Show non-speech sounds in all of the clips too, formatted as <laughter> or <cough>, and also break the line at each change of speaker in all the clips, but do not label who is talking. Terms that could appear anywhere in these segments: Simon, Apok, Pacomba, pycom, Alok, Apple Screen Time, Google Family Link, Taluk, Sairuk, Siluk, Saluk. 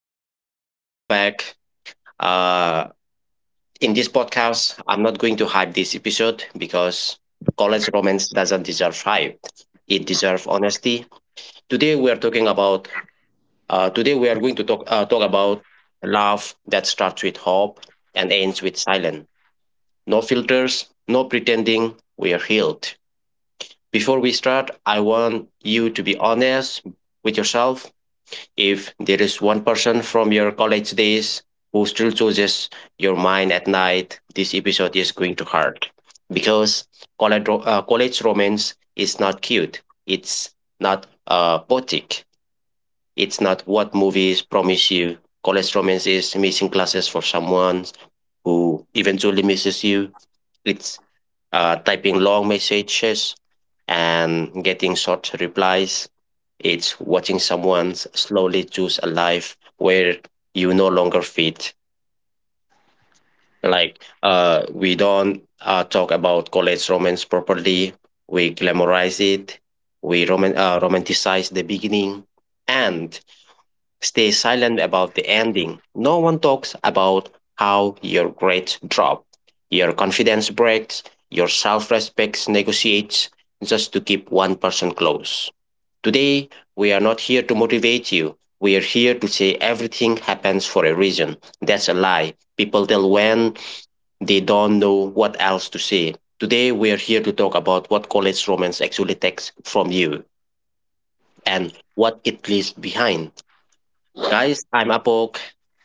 everyone. Welcome back. Uh, in this podcast, I'm not going to hype this episode because college romance doesn't deserve hype. It deserves honesty. Today we are talking about. Today we are going to talk about love that starts with hope and ends with silence. No filters, no pretending. We are healed. Before we start, I want you to be honest with yourself. If there is one person from your college days who still chooses your mind at night, this episode is going to hurt because college romance is not cute. It's not poetic. It's not what movies promise you. College romance is missing classes for someone who eventually misses you. It's typing long messages and getting short replies, it's watching someone slowly choose a life where you no longer fit. Like we don't talk about college romance properly. We glamorize it. We romanticize the beginning and stay silent about the ending. No one talks about how your grades drop, your confidence breaks, your self respect negotiates just to keep one person close. Today, we are not here to motivate you. We are here to say everything happens for a reason. That's a lie people tell when they don't know what else to say. Today, we are here to talk about what college romance actually takes from you and what it leaves behind. Guys, I'm Apok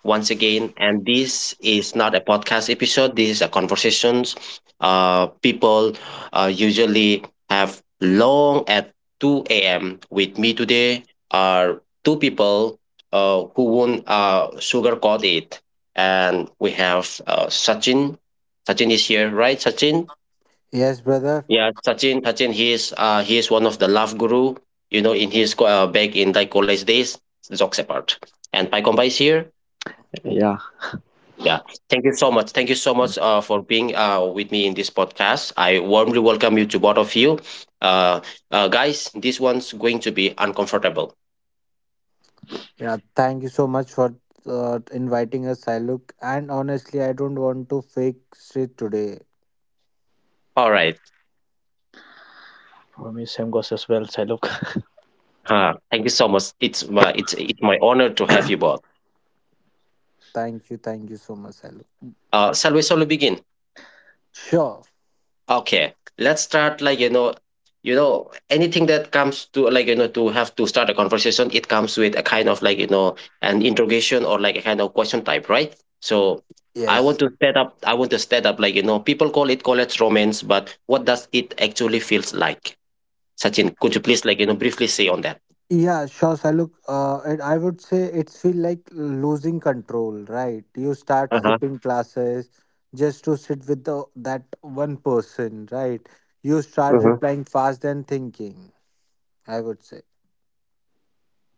once again, and this is not a podcast episode. This is a conversations. People usually have long at 2 a.m. With me today are two people who won't sugarcoat it. And we have Sachin. Sachin is here, right? Sachin?
Yes, brother.
Yeah, Sachin. Sachin, he is one of the love guru, you know, in his back in like college days. Jokes apart, and Pai Kompa is here.
Yeah,
Yeah. Thank you so much. Thank you so much for being with me in this podcast. I warmly welcome you to both of you. Uh, Guys, this one's going to be uncomfortable.
Yeah, thank you so much for inviting us, Siluk. And honestly, I don't want to fake shit today.
All right.
for me same goes as well. So look,
Thank you so much. It's it's my honor to have you both.
Thank you so much, Siluk.
Shall we begin?
Sure.
Okay, let's start like you know anything that comes to like you know to have to start a conversation. It comes with a kind of like you know an interrogation or like a kind of question type, right? So
Yes.
I want to set up like you know people call it college romance, but what does it actually feels like? Sachin, could you please like you know briefly say on that?
Yeah, sure, Siluk. And I would say it's feel like losing control, right? You start
Uh huh.
skipping classes just to sit with that one person, right? You start
Mm-hmm.
replying fast and thinking. I would say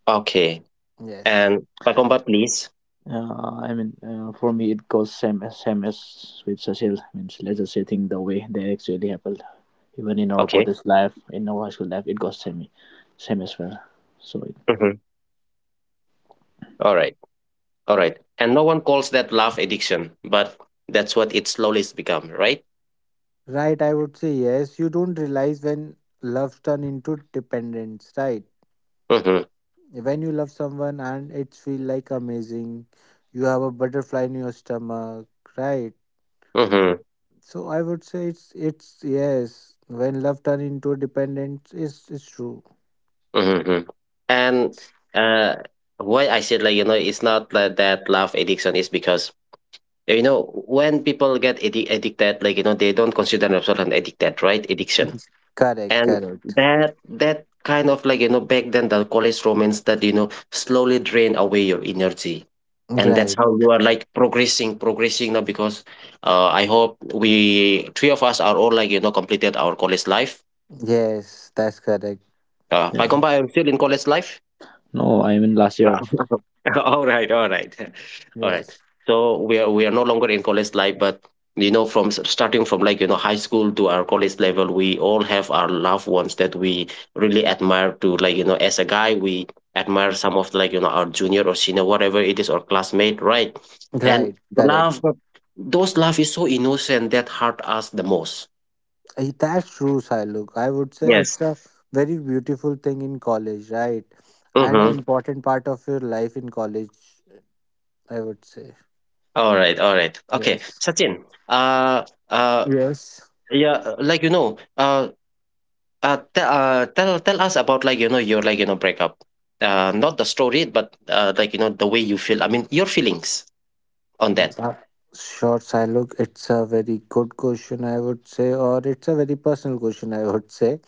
Okay,
yes.
and Pakomba, please.
<laughs> for me it goes same as with Cecil. Means let's just say think the way they actually happened, even in our
Okay.
college life, in our high school life, it goes same, same as well. So it,
Mm-hmm. All right. All right. And no one calls that love addiction, but that's what it slowly has become, right?
Right, I would say yes. You don't realize when love turn into dependence, right?
Mhm,
When you love someone and it feel like amazing, you have a butterfly in your stomach, right?
mhm,
So I would say it's yes. When love turn into dependence, it's true.
mhm, mhm. And
Yes.
uh, why I said like you know it's not that love addiction is because you know when people get addicted like you know they don't consider themselves an addicted right addiction,
Correct,
and
correct.
that that kind of like you know back then the college romance that you know slowly drain away your energy, and that's
Right.
how you are like progressing now because I hope we three of us are all like you know completed our college life.
Yes, that's correct.
By
yeah,
compa, I'm still in college life.
no, I mean last year.
<laughs> All right, all right, <laughs> all right.
Yes.
So we are no longer in college life, but you know, from starting from like you know high school to our college level, we all have our loved ones that we really admire. To like you know, as a guy, we admire some of like you know our junior or senior, whatever it is, or classmate, right? And
Right,
the
correct.
love, but those love is so innocent that hurt us the most.
That's true, Siluk. I would say
Yes.
it's a very beautiful thing in college, right? And an
Mm-hmm.
important part of your life in college, I would say.
All right, all right. Okay,
Yes.
Sachin. Uh,
Yes.
yeah, like you know, te Tell us about like you know your like you know breakup. Not the story, but like you know the way you feel. I mean your feelings on
Uh,
that.
uh, sure, Siluk. It's a very good question, I would say, or it's a very personal question, I would say.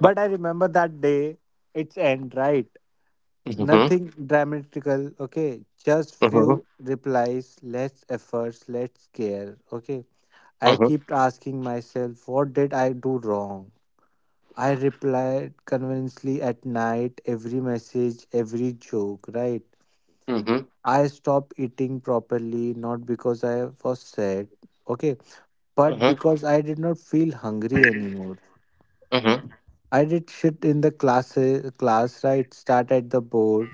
But I remember that day, its end, right?
Mm-hmm.
Nothing dramatical, okay? Just
Mm-hmm.
few replies, less efforts, less care, okay? I
Mm-hmm.
kept asking myself, what did I do wrong? I replied convincingly at night, every message, every joke, right?
Mm-hmm.
I stopped eating properly, not because I was sad, okay, but
Mm-hmm.
because I did not feel hungry anymore.
Mm-hmm.
I did shit in the class, right? Start at the board,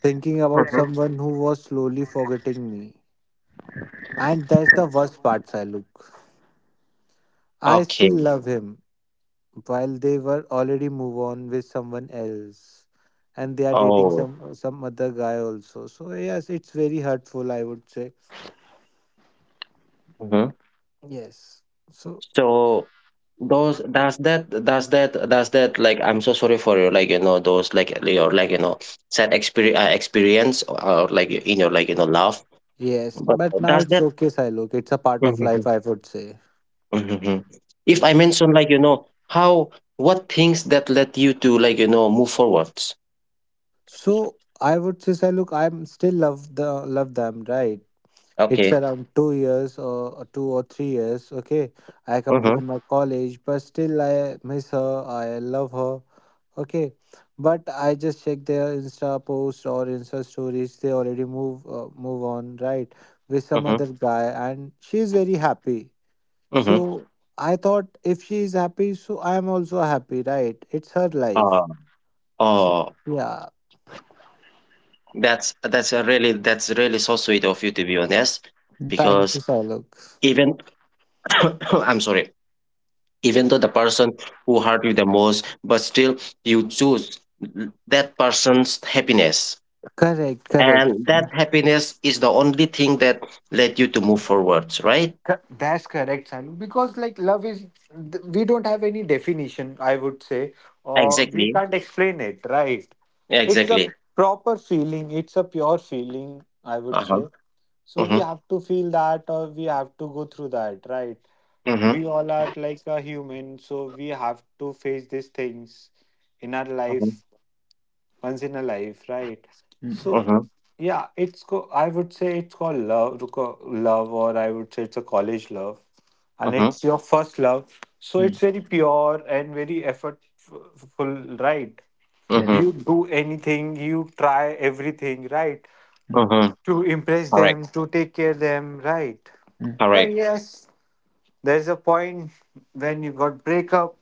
thinking about
Mm-hmm.
someone who was slowly forgetting me. And that's the worst part, Siluk. I still
Okay.
love him while they were already move on with someone else, and they are dating
Oh.
some other guy also. So yes, it's very hurtful, I would say.
Mm-hmm.
Yes. So
So those does that does that does that like I'm so sorry for your like you know those like your like you know sad experience or like in your like you know love.
yes,
But
but now
does
it's
that?
okay, Silok. It's a part of life, I would say.
Mhm. If I
Yes.
mention like you know how what things that let you to like you know move forwards.
So I would say, Silok, I'm still love the love them, right? It's
Okay.
around 2 years, or 2 or 3 years. Okay, I
Mm-hmm.
completed my college, but still I miss her, I love her. Okay, but I just check their Insta post or Insta stories. They already move move on, right, with some
Mm-hmm.
other guy, and she's very happy. So
Mm-hmm.
I thought if she is happy, so I am also happy, right? It's her life.
Uh,
So
oh,
yeah,
that's a really, that's really so sweet of you to be honest,
Mm,
thank you,
because
Saluk.
even <coughs> I'm sorry, even though the person who hurt you the most, but still you choose that person's happiness,
Correct, correct.
and that happiness is the only thing that led you to move forwards, right?
That's correct, Simon. Because like love is, we don't have any definition, I would say, or we
Exactly.
can't explain it, right? It's a
Exactly.
proper feeling. It's a pure feeling, I would say.
Uh-huh,
So we
mhm,
have to feel that, or we have to go through that, right?
mhm,
We all are like a human, so we have to face these things in our
mhm,
life once in a life, right? So
mm,
mhm,
yeah, I would say it's called love, love, or I would say it's a college love, and
mhm,
it's your first love. So
mm,
it's very pure and very effortful, right?
Yes.
You
mhm,
do anything, you try everything, right?
Mm,
mhm.
To impress
Correct,
them, to take care them, right?
mm,
But
correct.
yes, there's a point when you got breakup,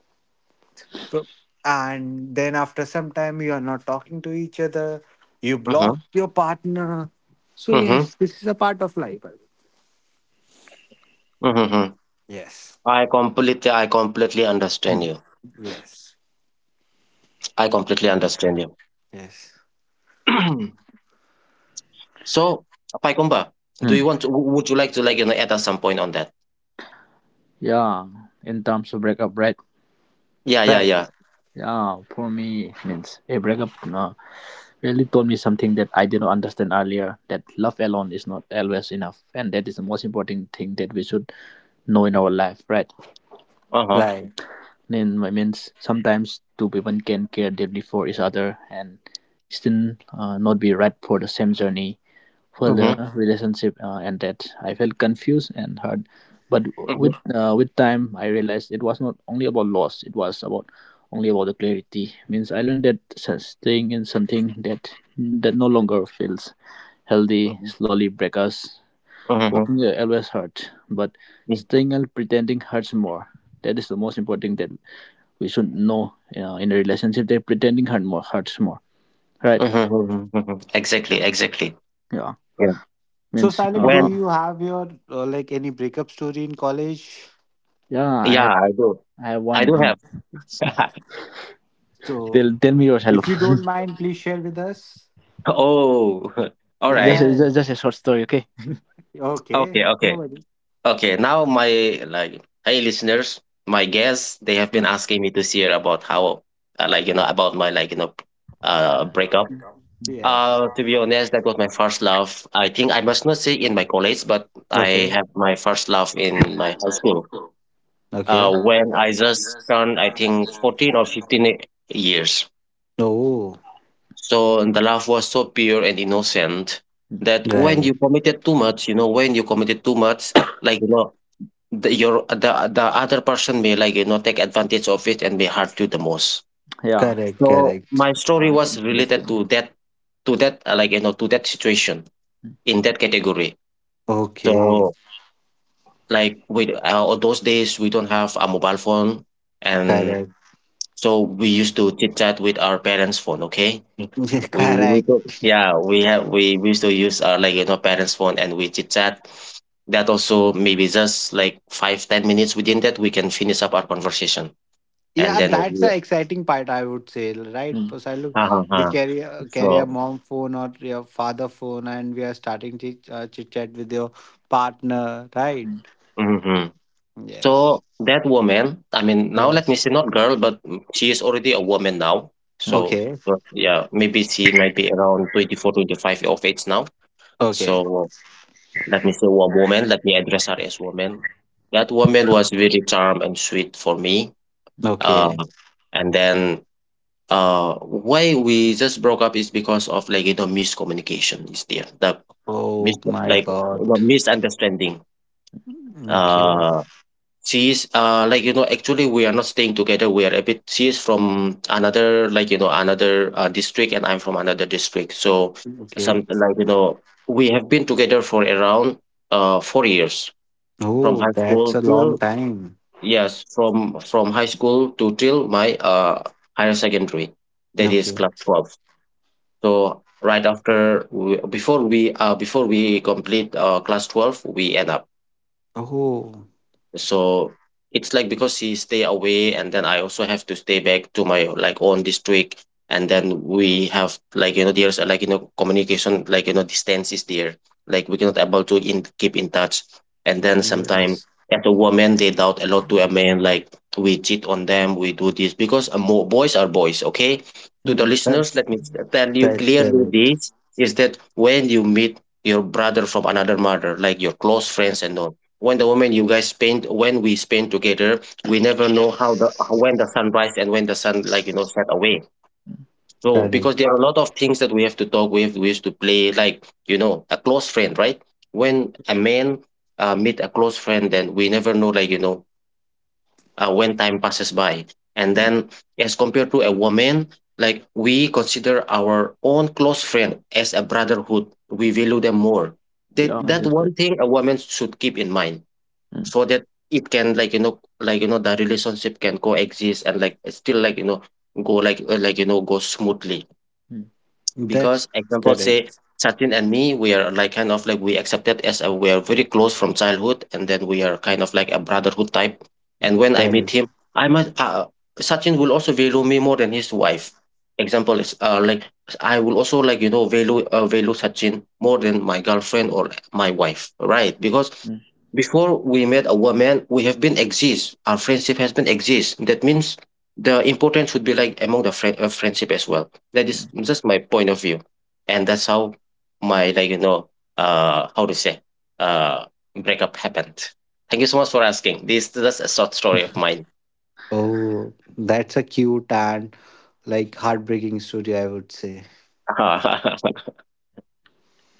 so- and then after some time you are not talking to each other, you block
Mhm,
your partner. So
mhm,
yes, this is a part of life, I think.
mhm, mhm.
Yes.
I completely
mm,
understand you.
Yes.
I completely understand you.
Yes.
<clears throat> So, Paikumba, do you
mm.
want to, would you like to like, you know, add us some point on that?
Yeah, in terms of breakup, right?
Yeah, yeah,
Right,
yeah.
Yeah, for me means a breakup. No. Really told me something that I didn't understand earlier, that love alone is not always enough. And that is the most important thing that we should know in our life, right?
Uh-huh.
right.
Then I means Sometimes two people can care deeply for each other and still not be right for the same journey for
Mhm,
the relationship ended. I felt confused and hurt, but
mhm,
with time, I realized it was not only about loss; it was about only about the clarity. Means I learned that staying in something that no longer feels healthy
mhm,
slowly break us.
mhm,
Walking always hurt, but
mhm,
staying and pretending hurts more. That is the most important that we should know in a relationship, that pretending hurt more hurts more. Right?
mhm, mhm, mhm. Exactly, exactly.
Yeah.
Yeah.
So,
Means
Silent, do
When,
you have your like any breakup story in college?
Yeah,
yeah, I do.
I have
I
one
do
in.
have. <laughs>
So
Tell, tell me your hello.
if you don't mind, please share with us.
Oh, <laughs> all
Just,
right.
Yeah.
just a short story, okay?
Okay,
Okay, no
okay.
worry.
Okay, now my like hey listeners, my guests they have been
Mm.
asking me to share about how like you know about my like you know breakup.
Yes.
Uh, to be honest, that was my first love. I think I must not say in my college, but I
Okay.
have my first love in my high school. Uh,
Okay.
when I just turned I think 14 or 15 years.
Oh.
So and the love was so pure and innocent that
Right.
when you committed too much, like you know the your the other person may, like, you know, take advantage of it and may hurt you the most.
Yeah,
Correct,
So
correct.
my story
I
was
can
related to
understand.
that, like, you know, to that situation in that category. So,
Okay.
like, with on those days we don't have a mobile phone, and
Correct.
so we used to chit chat with our parents' phone. Okay, Mm.
<laughs>
We
correct.
yeah we have we used to use our, like, you know, parents' phone and we chit chat. That also maybe just like 5 10 minutes. Within that, we can finish up our conversation. And
Yeah,
then
that's
we
the exciting part, I would say, right?
Mm.
Because I
<laughs>
look,
uh-huh.
we
Uh-huh.
carry carry a
So,
mom phone or your father phone, and we are starting chit chat with your partner, right?
Mm.
mhm.
Yes.
So that woman, I mean, now let
Yes.
me say not girl, but mm, she is already a woman now.
Mm.
So,
Okay.
but yeah, maybe she might be around 24, 25, 25 of age now.
Okay.
So let me say one woman, let me address her as woman. That woman was very charm and sweet for me. Uh,
Okay.
and then why we just broke up is because of like, you know, miscommunication is there. The mis-
Oh my
like you
God.
know, misunderstanding.
Okay.
Uh, she is like you know actually we are not staying together. We are a bit. She is from another like you know another district, and I'm from another district. So some
Okay.
like you know we have been together for around 4 years from
Oh,
high
that's
school
a long
till,
time.
yes, from high school to till my higher secondary, that
Mm.
is
Okay.
class 12. So right after we, before we before we complete class 12 we end up.
Oh,
So it's like because he stay away and then I also have to stay back to my like own district and then we have like you know there's like you know communication like you know distance is there, like we cannot able to in keep in touch, and then sometimes
yes.
as a woman they doubt a lot to a man like we cheat on them, we do this because boys are boys. Okay, to the
Mm.
listeners
That's
let me tell you
that's
clearly
correct.
this is that when you meet your brother from another mother like your close friends and all, when the woman you guys spend when we spend together we never know how the when the sun rise and when the sun like you know set away. So because
Correct.
there are a lot of things that we have to talk, we have we used to play like you know a close friend, right? When a man meet a close friend then we never know like you know when time passes by, and then as compared to a woman, like we consider our own close friend as a brotherhood, we value them more. That,
Yeah,
that
that's right.
one thing a woman should keep in mind
Mm.
so that it can like, you know, the relationship can coexist and like still like, you know, go like, you know, go smoothly.
Mm.
That's
Because example
correct.
say Sachin and me, we are like kind of like we accepted we are very close from childhood, and then we are kind of like a brotherhood type.
Mm.
And when I meet
Correct.
him, I must Sachin will also value me more than his wife. Example is like I will also like value Sachin more than my girlfriend or my wife, right? Because
Mm.
before we met a woman, we have been exist. Our friendship has been exist. That means the importance would be like among friendship as well, that is
Mm.
just my point of view, and that's how my like how to say uh breakup happened. Thank you so much for asking. This is just a short story of mine.
Oh, that's a cute and like heartbreaking story, I would say.
<laughs>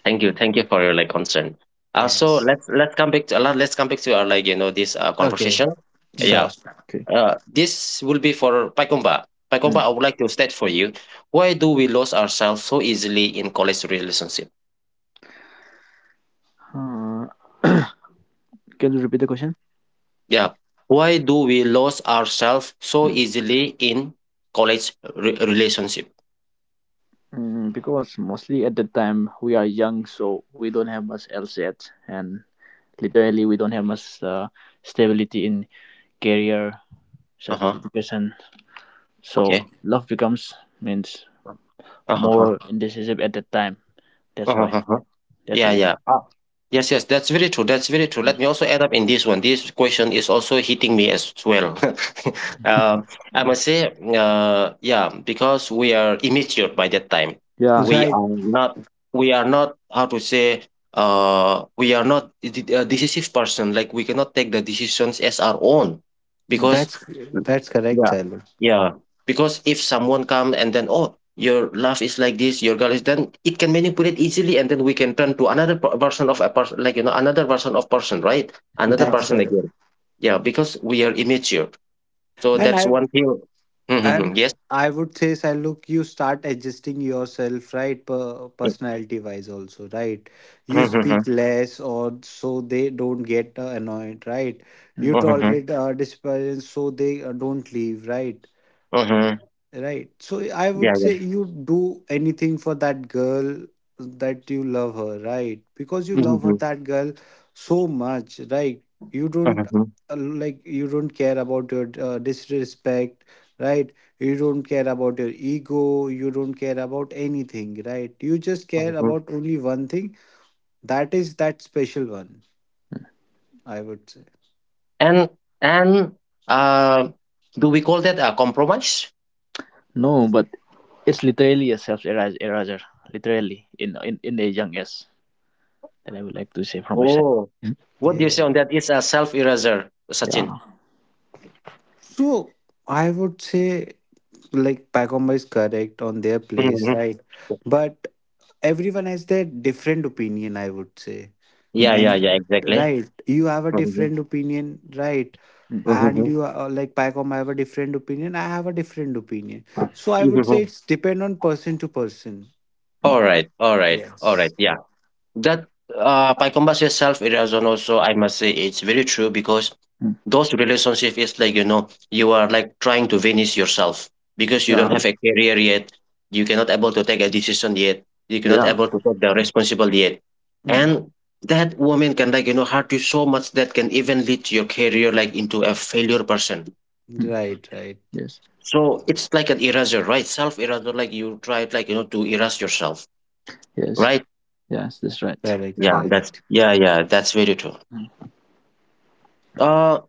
Thank you, thank you for your like concern. So
Yes.
let's come back to let's come back to our like this
Okay.
conversation.
Mm.
Sure.
Yeah,
Okay.
this will be for Paikomba. Paikomba,
Mm.
I would like to state for you. Why do we lose ourselves so easily in college relationship?
Uh, <coughs> can you repeat the question?
Yeah. Why do we lose ourselves so
Mm.
easily in college relationship?
Mm, because mostly at that time we are young, so we don't have much else yet, and literally we don't have much stability in career,
Uh
such as
huh.
education, so
Okay.
love becomes means more
Uh
indecisive at that time. That's why,
huh.
that's the
Yeah,
reason.
yeah. Ah. Yes, yes, that's very true. That's very true. Let me also add up in this one. This question is also hitting me as well. <laughs> um, I must say, yeah, because we are immature by that time.
Yeah.
We
Right.
are not. We are not. How to say? We are not a decisive person. Like we cannot take the decisions as our own,
Mm.
because
That's that's correct,
yeah,
Siluk.
yeah. Because if someone come and then oh, your love is like this, your girl is, then it can manipulate easily and then we can turn to another version of a person, like another version of person, right? Another
That's
Yeah.
person
correct.
again, yeah, because we are immature, so
Mm.
And
that's
I
one thing. Mhm,
and
yes.
I would say, Siluk, you start adjusting yourself, right? Personality wise, also, right? You
Mm.
speak
Mhm,
less, or so they don't get annoyed, right? You
Mm.
mhm,
tolerate disparage, so they don't leave, right?
mhm.
Right. So I
Yeah,
would
yeah.
say you do anything for that girl that you love her, right? Because you love her,
Mhm,
that girl, so much, right? You don't
mhm,
like you don't care about your disrespect, right? You don't care about your ego. You don't care about anything, right? You just care
mhm.
about only one thing. That is that special one. I would say.
and and uh do we call that a compromise?
No, but it's literally a self eraser, literally in the young age, that I would like to say from my side.
Oh,
Mm.
what do you say
Yeah.
on that? It's a self-eraser, Sachin.
Yeah.
So I would say like Pacomba is correct on their place,
Mhm.
right? But everyone has their different opinion, I would say,
Mm.
Yeah, yeah, yeah,
and
exactly.
right, you have a
Mhm,
different opinion, right?
Mm.
And
mhm.
you are like, Pycom, I have a different opinion, I have a different opinion. So I would say
Mhm.
it's depend on person to person.
Mm.
Alright, alright, alright,
Yes.
yeah. That, by comparison, self-erosion also, I must say it's very true, because
Mm.
those relationship is like, you are like trying to finish yourself because you don't
Yeah,
have a career yet. You cannot able to take a decision yet. You cannot
Mhm.
yeah.
able to take the responsible yet.
Mm.
And that woman can like, hurt you so much that can even lead to your career like into a failure person.
Mm.
Right, right.
Yes,
So it's like an eraser, right? Self-eraser, like you try like, to erase yourself,
yes,
right?
yes, that's right.
Correct,
Yeah, that's
correct.
yeah, yeah, that's very true. Uh,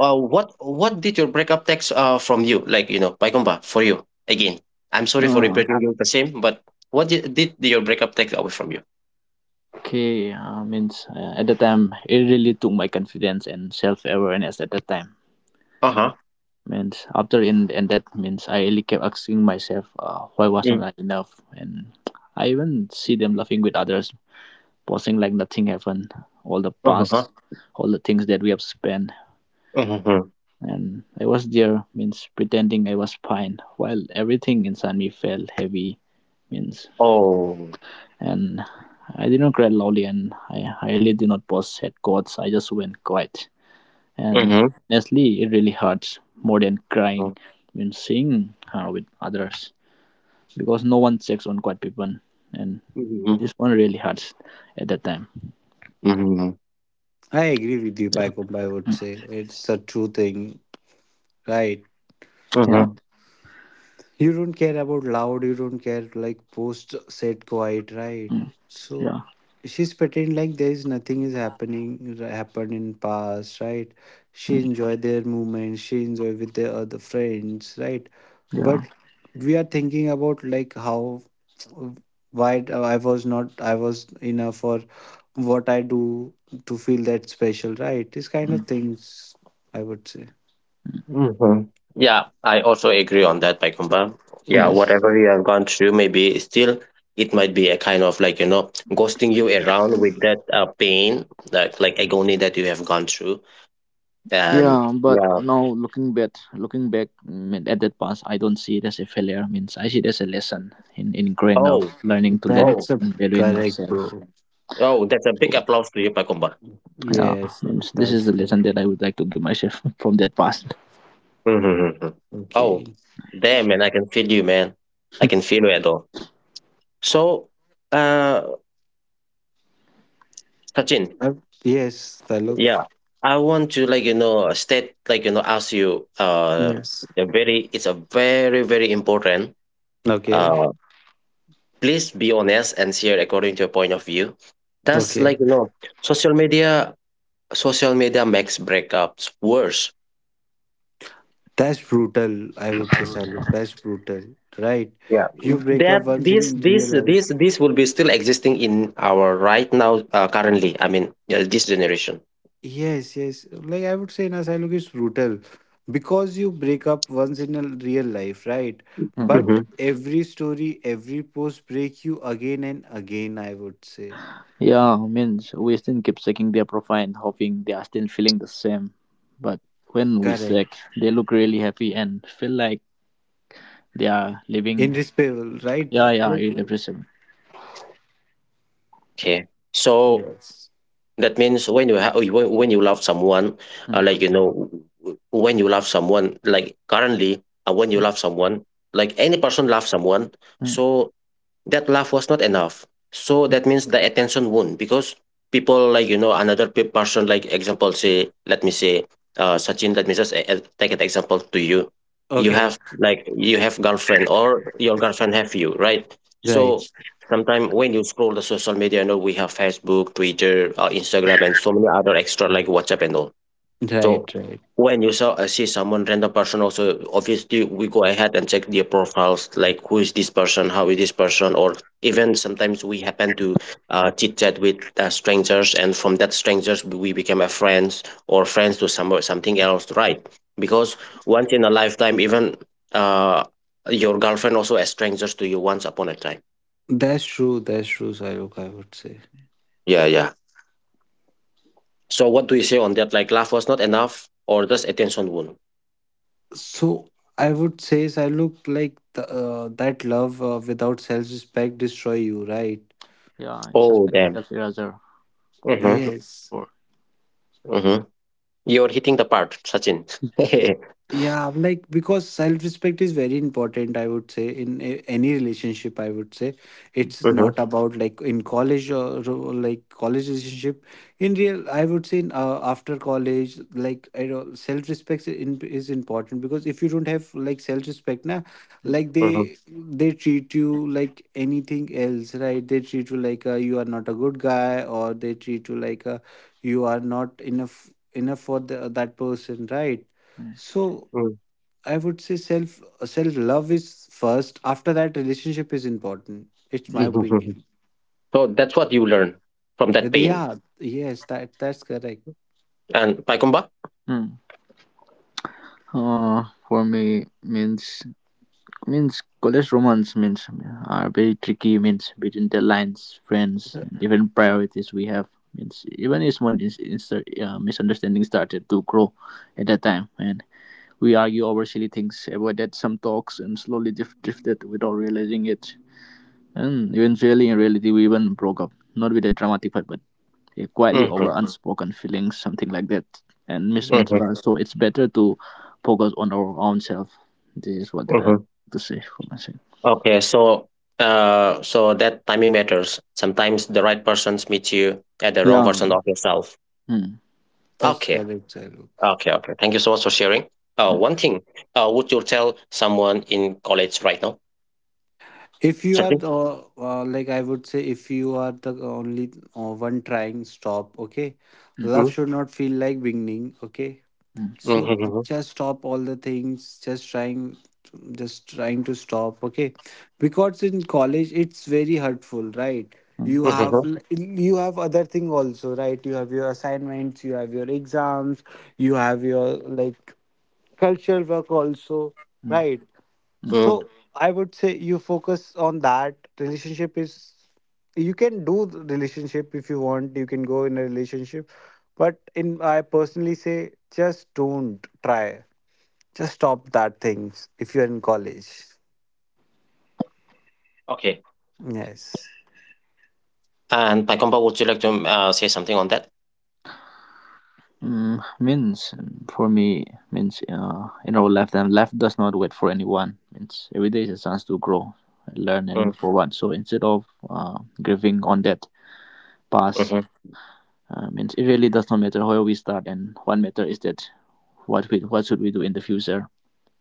what did your breakup text from you? Like, Paikumba, for you again. I'm sorry for
Oh.
repeating you the same, but what did your breakup text away from you?
Okay, means at the time it really took my confidence and self awareness at that time.
Uh-huh.
Means after in, and that means I really kept asking myself why was not
Mm.
I enough, and I even see them laughing with others, posing like nothing happened. All the
Uh-huh.
past, all the things that we have spent,
Mm-hmm.
and I was there means pretending I was fine while everything inside me felt heavy means,
Oh.
and I did not cry loudly, and I really did not post sad quotes. I just went quiet. And
Mm-hmm.
honestly, it really hurts more than
Mm-hmm.
crying when seeing her with others, because no one checks on quiet people, and
Mm-hmm.
this one really hurts at that time.
Mm-hmm.
I agree with you,
Yeah,
Pycom, I would say. It's a true thing, right?
yeah,
Mm-hmm.
You don't care about loud, you don't care like post said quiet, right?
mm,
So
yeah,
she's pretending like there is nothing is happening happened in past, right? She
mm,
enjoy their movement, she enjoy with their other friends, right? But
yeah.
we are thinking about like how I was not, I was enough, or what I do to feel that special, right? These kind of
Mm,
things I would say.
Hmm. Yeah, I also agree on that, Paikumba. Yeah,
mm.
Yes.
whatever you have gone through, maybe still it might be a kind of like ghosting you around with that pain, that like agony that you have gone through. And
Yeah, but
yeah,
now looking back mm, at that past, I don't see it as a failure. Means I see it as a lesson in growing up,
oh,
learning to let go,
That's
oh,
a
and valuing
correct,
myself.
bro.
oh, that's a big applause to you, Paikumba.
Yeah,
Yes, yes,
means this is
that's
the lesson
correct.
that I would like to give myself <laughs> from that past.
Mm-hmm.
Okay.
Oh, damn, man, I can feel you, man. I can feel you at all. So, uh, Sachin,
Uh, yes, Taluk.
yeah, I want to like state like ask you
Yes.
a very it's a very very important
Okay.
uh please be honest and share according to your point of view. That's
Okay.
like social media social media makes breakups worse.
That's brutal, I would say, Saluk. That's brutal. Right.
Yeah,
You break up
that
once
this
in real
this this
life.
this will be still existing in our right now, currently. I mean, yeah, this generation.
Yes, yes. Like I would say, na, Saluk is brutal because you break up once in a real life, right?
Mm.
But
Hmm.
every story, every post break you again and again, I would say.
Yeah, means we still keep checking their profile, hoping they are still feeling the same. But when we check,
Correct.
they look really happy and feel like they are living.
Indisputable, right?
Yeah, yeah,
Like,
irrepressible.
Okay, so,
yes.
that means when you love someone,
Mm,
like, when you love someone, like currently, when you love someone, like any person loves someone,
mm,
so that laugh was not enough, so that means the attention won, because people like another person, like example say, let me say, Sachin, let me just take an example to you. You
mm.
Okay.
have like, you have girlfriend or your girlfriend have you, right?
Right,
So sometimes when you scroll the social media, we have Facebook, Twitter, Instagram, and so many other extra like WhatsApp and all. So
right, right.
when you saw see someone, random person also, obviously we go ahead and check their profiles, like who is this person, how is this person, or even sometimes we happen to chit chat with strangers, and from that strangers we become a friends or friends to something else, right? Because once in a lifetime, even uh, your girlfriend also a strangers to you once upon a time.
That's true. That's true, Sairuk, I would say.
Yeah, yeah. So what do you say on that, like love was not enough or does attention wound?
So I would say, Sairuk, like that love without self-respect destroy you, right?
Yeah, it's just
Oh,
like
damn.
self eraser. I have
Mm-hmm.
to
Yes.
for.
Mm-hmm. You're hitting the part, Sachin. <laughs>
Yeah, like because self-respect is very important, I would say, in any relationship, I would say.
Mm,
It's
Mhm,
not about like in college, or like college relationship. In real, I would say in, after college, like I don't, self-respect is is important because if you don't have like self-respect, na,
mm,
like
mhm,
they treat you like anything else, right? They treat you like you are not a good guy, or they treat you like you are not enough for the, that person, right?
mm.
So
mm,
I would say self love is first. After that, relationship is important. It's my
mhm, mhm.
opinion.
So that's what you learn from that
And
pain.
Yeah, yes, that that's correct.
And Paikumba?
Mm. For me means, means college romance means are very tricky means between the lines friends and even priorities we have means, even if one is, misunderstanding started to grow at that time, and we argue over silly things, avoided some talks and slowly drifted without realizing it, and eventually in reality we even broke up, not with a dramatic fight but quietly
Mhm,
over unspoken feelings, something like that, and mismatched
mhm,
trust. So it's better to focus on our own self. This is what that I have
mhm.
to say for myself.
Okay, so, so that timing matters. Sometimes the right persons meet you at the wrong version
Yeah.
of yourself.
Mm,
That's
Okay,
correct, Sailu.
okay, okay. Thank you so much for sharing.
mm,
One thing, would you tell someone in college right now?
If you are
Sachin?
like I would say, if you are the only one trying, stop. Okay,
mm,
love
Mm,
should not feel like beginning. Okay,
mm,
mm,
so
mhm, mhm,
just stop all the things, just trying just trying to stop, okay? Because in college it's very hurtful, right?
mm,
You
mhm,
have
mhm,
you have other thing also, right? You have your assignments, you have your exams, you have your like cultural work also,
mm,
right?
mm.
mm,
Mm.
So I would say you focus on that. Relationship is, you can do the relationship if you want. You can go in a relationship, but in I personally say just don't try. Just stop that things if you're in college.
Okay.
Yes.
And Paikomba, would you like to say something on that?
mm, means for me means you know life and life does not wait for anyone, means every day is a chance to grow and learn and
Mm,
move forward. So instead of grieving on that past,
mhm,
means it really does not matter where we start, and what matter is that what we what should we do in the future,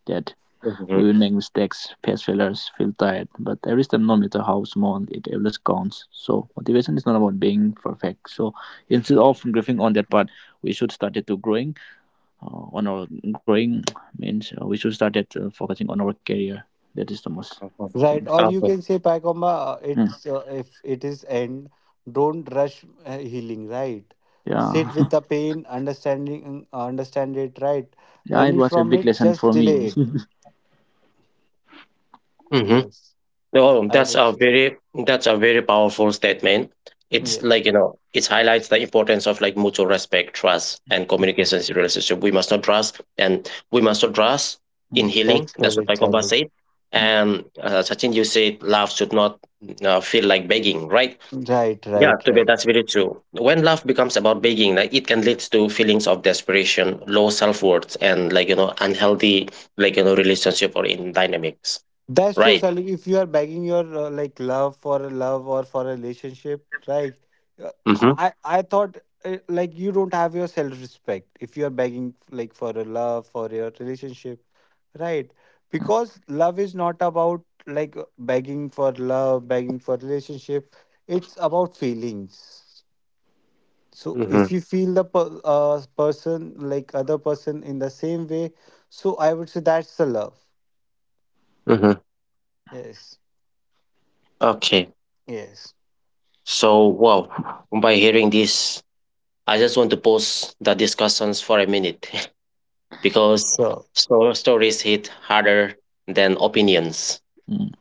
that
mhm,
we
mhm,
will make mistakes, face failures, feel tired, but every step, no matter how small, it always counts. So motivation is not about being perfect. So instead of grieving on that part, we should start it to growing. On our growing <tsk> means we should start it focusing on our career. That is the most
mhm.
thing.
Right. Or you
Okay.
can say, Pacomba,
Mm.
it's if it is end, don't rush healing, right?
Yeah,
Sit with the
<laughs>
pain, understand it, right?
yeah, it
Running
was a
from
big
it,
lesson
just
for me.
delay
<laughs>
it.
Mhm.
Yes.
No,
I
that's
would
a
say,
very, that's a very powerful statement. It's
yes,
like, it highlights the importance of like mutual respect, trust, and communications in relationship. We must not trust, and we must not trust in
Mm,
healing.
that's
That's what
correct,
Paikoba
Saluk.
said. And Sachin, you said love should not feel like begging, right?
Right,
Yeah,
right,
to be that's
right.
very true. When love becomes about begging, like it can lead to feelings of desperation, low self worth, and like unhealthy like relationship or in dynamics,
That's true,
right?
Saluk. If you are begging your like love for a love or for a relationship, right? Uh,
Mm-hmm.
I I thought like you don't have your self respect if you are begging like for a love for your relationship, right? Because love is not about like begging for love, begging for relationship. It's about feelings. So
Mm-hmm.
if you feel the person like other person in the same way, so I would say that's the love.
Mm-hmm.
Yes.
Okay.
Yes.
So, wow, by hearing this, I just want to pause the discussions for a minute <laughs> because
So
so stories hit harder than opinions.
mm,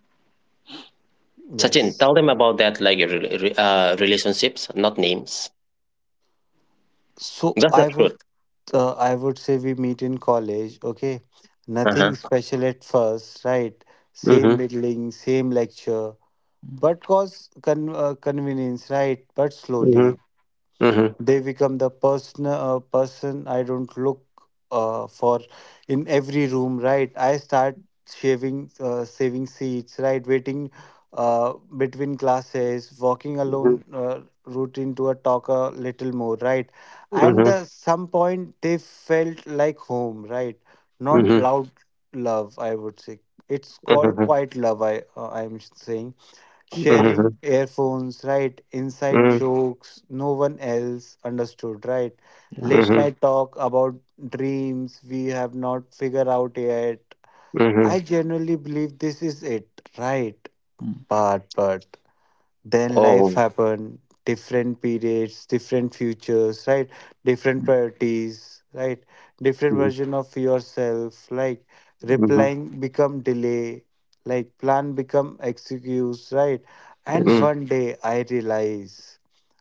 Sachin,
yes.
tell them about that, like relationships, not names.
So
That's the truth.
I would say we meet in college. Okay. Nothing
Uh-huh.
special at first, right? Same
Mm-hmm.
building, same lecture,
mm,
but cause convenience, right? But
Mm-hmm.
slowly,
Mm-hmm.
they become the person I don't look for in every room, right? I start shaving saving seats, right, waiting between classes, walking alone, routine to a talk a little more, right? And
Mm-hmm.
some point they felt like home, right? Not
Mm-hmm.
mm.
loud love, I would say. It's called
Mm-hmm.
quiet love, I'm saying.
Mm-hmm.
Sharing earphones, right? Inside jokes no one else understood, right? Late
Yes,
Mm-hmm.
night talk about dreams we have not figured out yet.
Mm-hmm.
I genuinely believe this is it, right?
mm,
But then life
Oh.
happened. Different periods, different futures, right? Different
mm.
priorities, right? Different
Mm-hmm.
version of yourself. Like
Mm-hmm.
replying become delay, like plan become excuse, right? And
Yes,
one day I realize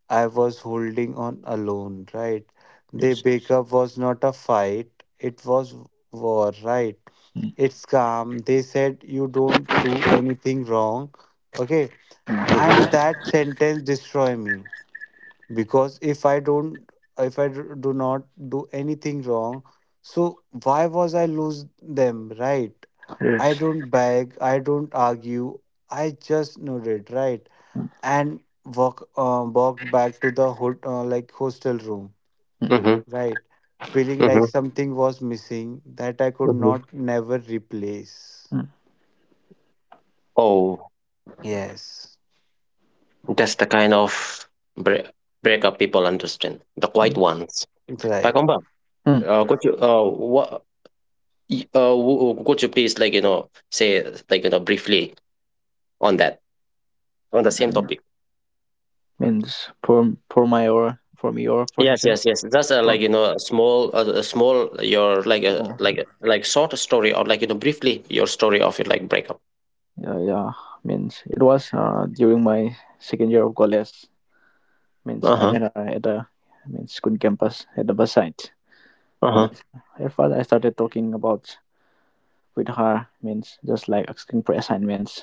I was holding on alone, right? The
yes,
breakup was not a fight, it was war, right?
mm,
It's calm, they said you don't do anything wrong, okay,
mm.
and
Mm-hmm.
that sentence destroy me. Because if I don't, if I d- do not do anything wrong, so why was I lose them, right? I
Yes.
don't beg, I don't argue, I just nodded, right? And walked back to the like hostel room,
Mm,
Mm-hmm.
right, feeling like something was missing that I could
Mm-hmm.
not never replace.
mm,
Oh.
Yes.
That's the kind of break breakup people understand, the quiet ones.
Right,
Pagomba,
mm.
could you, could you please like say like briefly on that, on the same
Mm.
topic?
Means for my or for me or for
Yes,
session
yes, yes. That's
for.
like a small, a small, your like
Oh,
like short story, or like briefly your story of your like breakup.
yeah, yeah, means it was during my second year of college, means
Uh
I'm
huh.
in a, at a means good campus at the bus site
Uh huh.
means, at first I started talking about with her, means just like asking for assignments,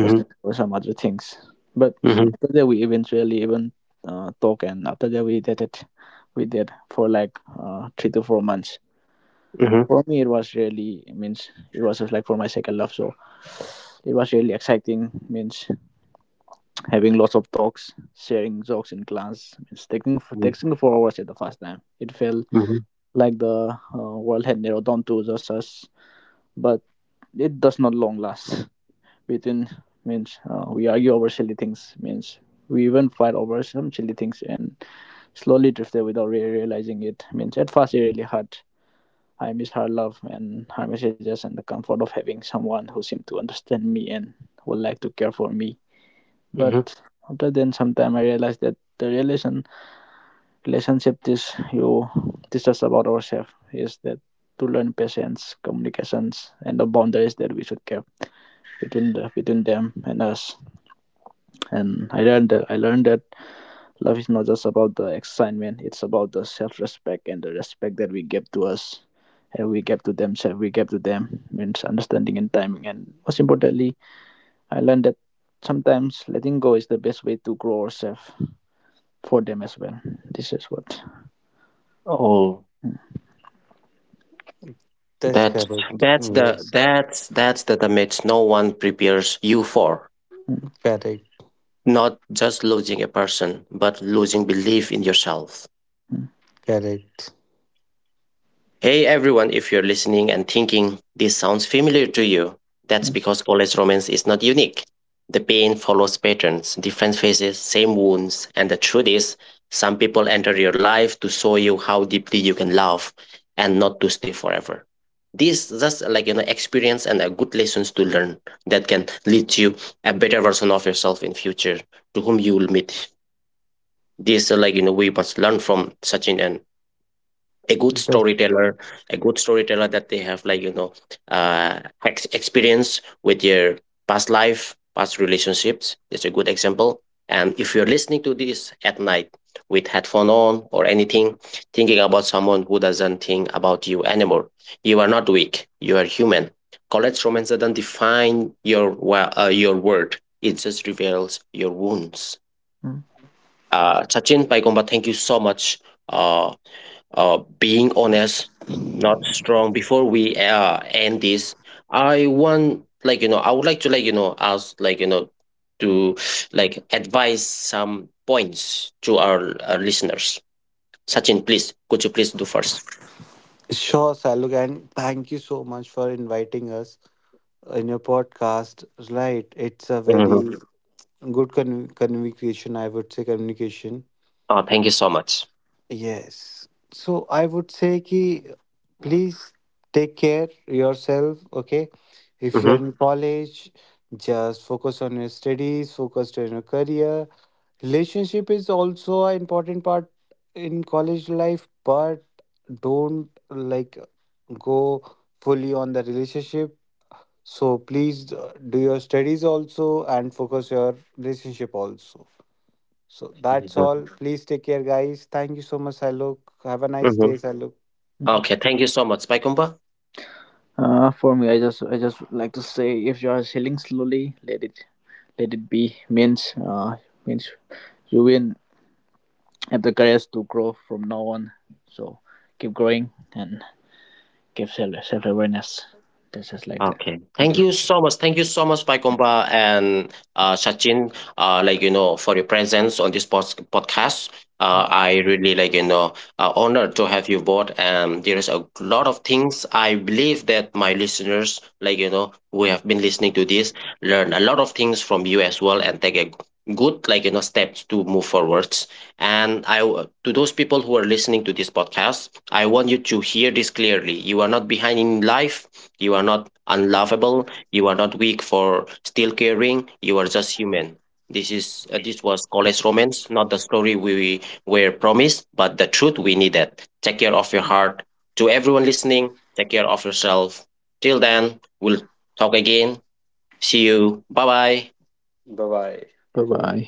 just for some other things. But
Mhm.
after that we eventually even talk, and after that we did it. We did for like 3 to 4 months.
Mhm.
For me it was really, means it was just like for my second love, so it was really exciting means having lots of talks, sharing jokes in class, means taking
Mhm.
texting for hours. At the first time it felt
Mhm.
like the world had narrowed down to just us, but it does not long last between. Means we argue over silly things means, we even fight over some silly things and slowly drifted without really realizing it, means at first it really hurt. I miss her love and her messages and the comfort of having someone who seemed to understand me and would like to care for me.
Mhm.
But after then, sometime I realized that the relationship this you teach us about ourselves is that to learn patience, communications, and the boundaries that we should keep between the between them and us. And I learned that love is not just about the excitement, it's about the self respect and the respect that we give to us and we give to themselves, we give to them means understanding and timing. And most importantly, I learned that sometimes letting go is the best way to grow ourselves for them as well. This is what.
Oh.
Mm,
that's
That's
correct. Yes.
that's the damage no one prepares you for.
mm,
Correct,
Not just losing a person, but losing belief in yourself.
mm,
correct.
Hey everyone, if you're listening and thinking this sounds familiar to you, that's
mm,
because college romance is not unique. The pain follows patterns, different faces, same wounds, and the truth is, some people enter your life to show you how deeply you can love and not to stay forever. This just like experience and a good lessons to learn that can lead you a better version of yourself in future to whom you will meet. This like we must learn from such an a good
That-
storyteller, a good storyteller that they have like uh experience with their past life, past relationships. That's a good example. And if you're listening to this at night with headphone on or anything, thinking about someone who doesn't think about you anymore, you are not weak. You are human. College romance doesn't define your word. It just reveals your wounds.
mm.
Sachin, Paigomba, thank you so much, uh, being honest, not strong. Before we end this, I want like I would like to like ask like to advise some points to our listeners. Sachin, please, could you please do first?
Sure, Saluk, and thank you so much for inviting us in your podcast. Right, it's a
Mm-hmm.
very good con- communication, I would say, communication.
Oh, thank you so much.
Yes. So I would say ki please take care yourself, okay? If you're
Mm-hmm.
in college, just focus on your studies, focus on your career. Relationship is also an important part in college life, but don't like go fully on the relationship. So please do your studies also and focus your relationship also. So that's
Mm-hmm.
all. Please take care, guys. Thank you so much, Alok. Have a nice
Mm-hmm.
day, Alok.
Mm.
Okay, thank you so much. Bye.
For me, I just like to say, if you are healing slowly, let it be means means you win, have the courage to grow from now on. So keep growing and keep self awareness. That's just like that.
Okay.
Thank
Thank
you.
you so much. Thank you so much, Paikomba and Sachin, like, for your presence on this podcast. I really, like, honored to have you both. And there is a lot of things I believe that my listeners, like, who have been listening to this, learn a lot of things from you as well and take a good, like, steps to move forwards. And to those people who are listening to this podcast, I want you to hear this clearly. You are not behind in life. You are not unlovable. You are not weak for still caring. You are just human. This is this was college romance, not the story we were promised, but the truth we needed. Take care of your heart. To everyone listening, take care of yourself. Till then, we'll talk again. See you. Bye bye.
Bye bye.
Bye bye.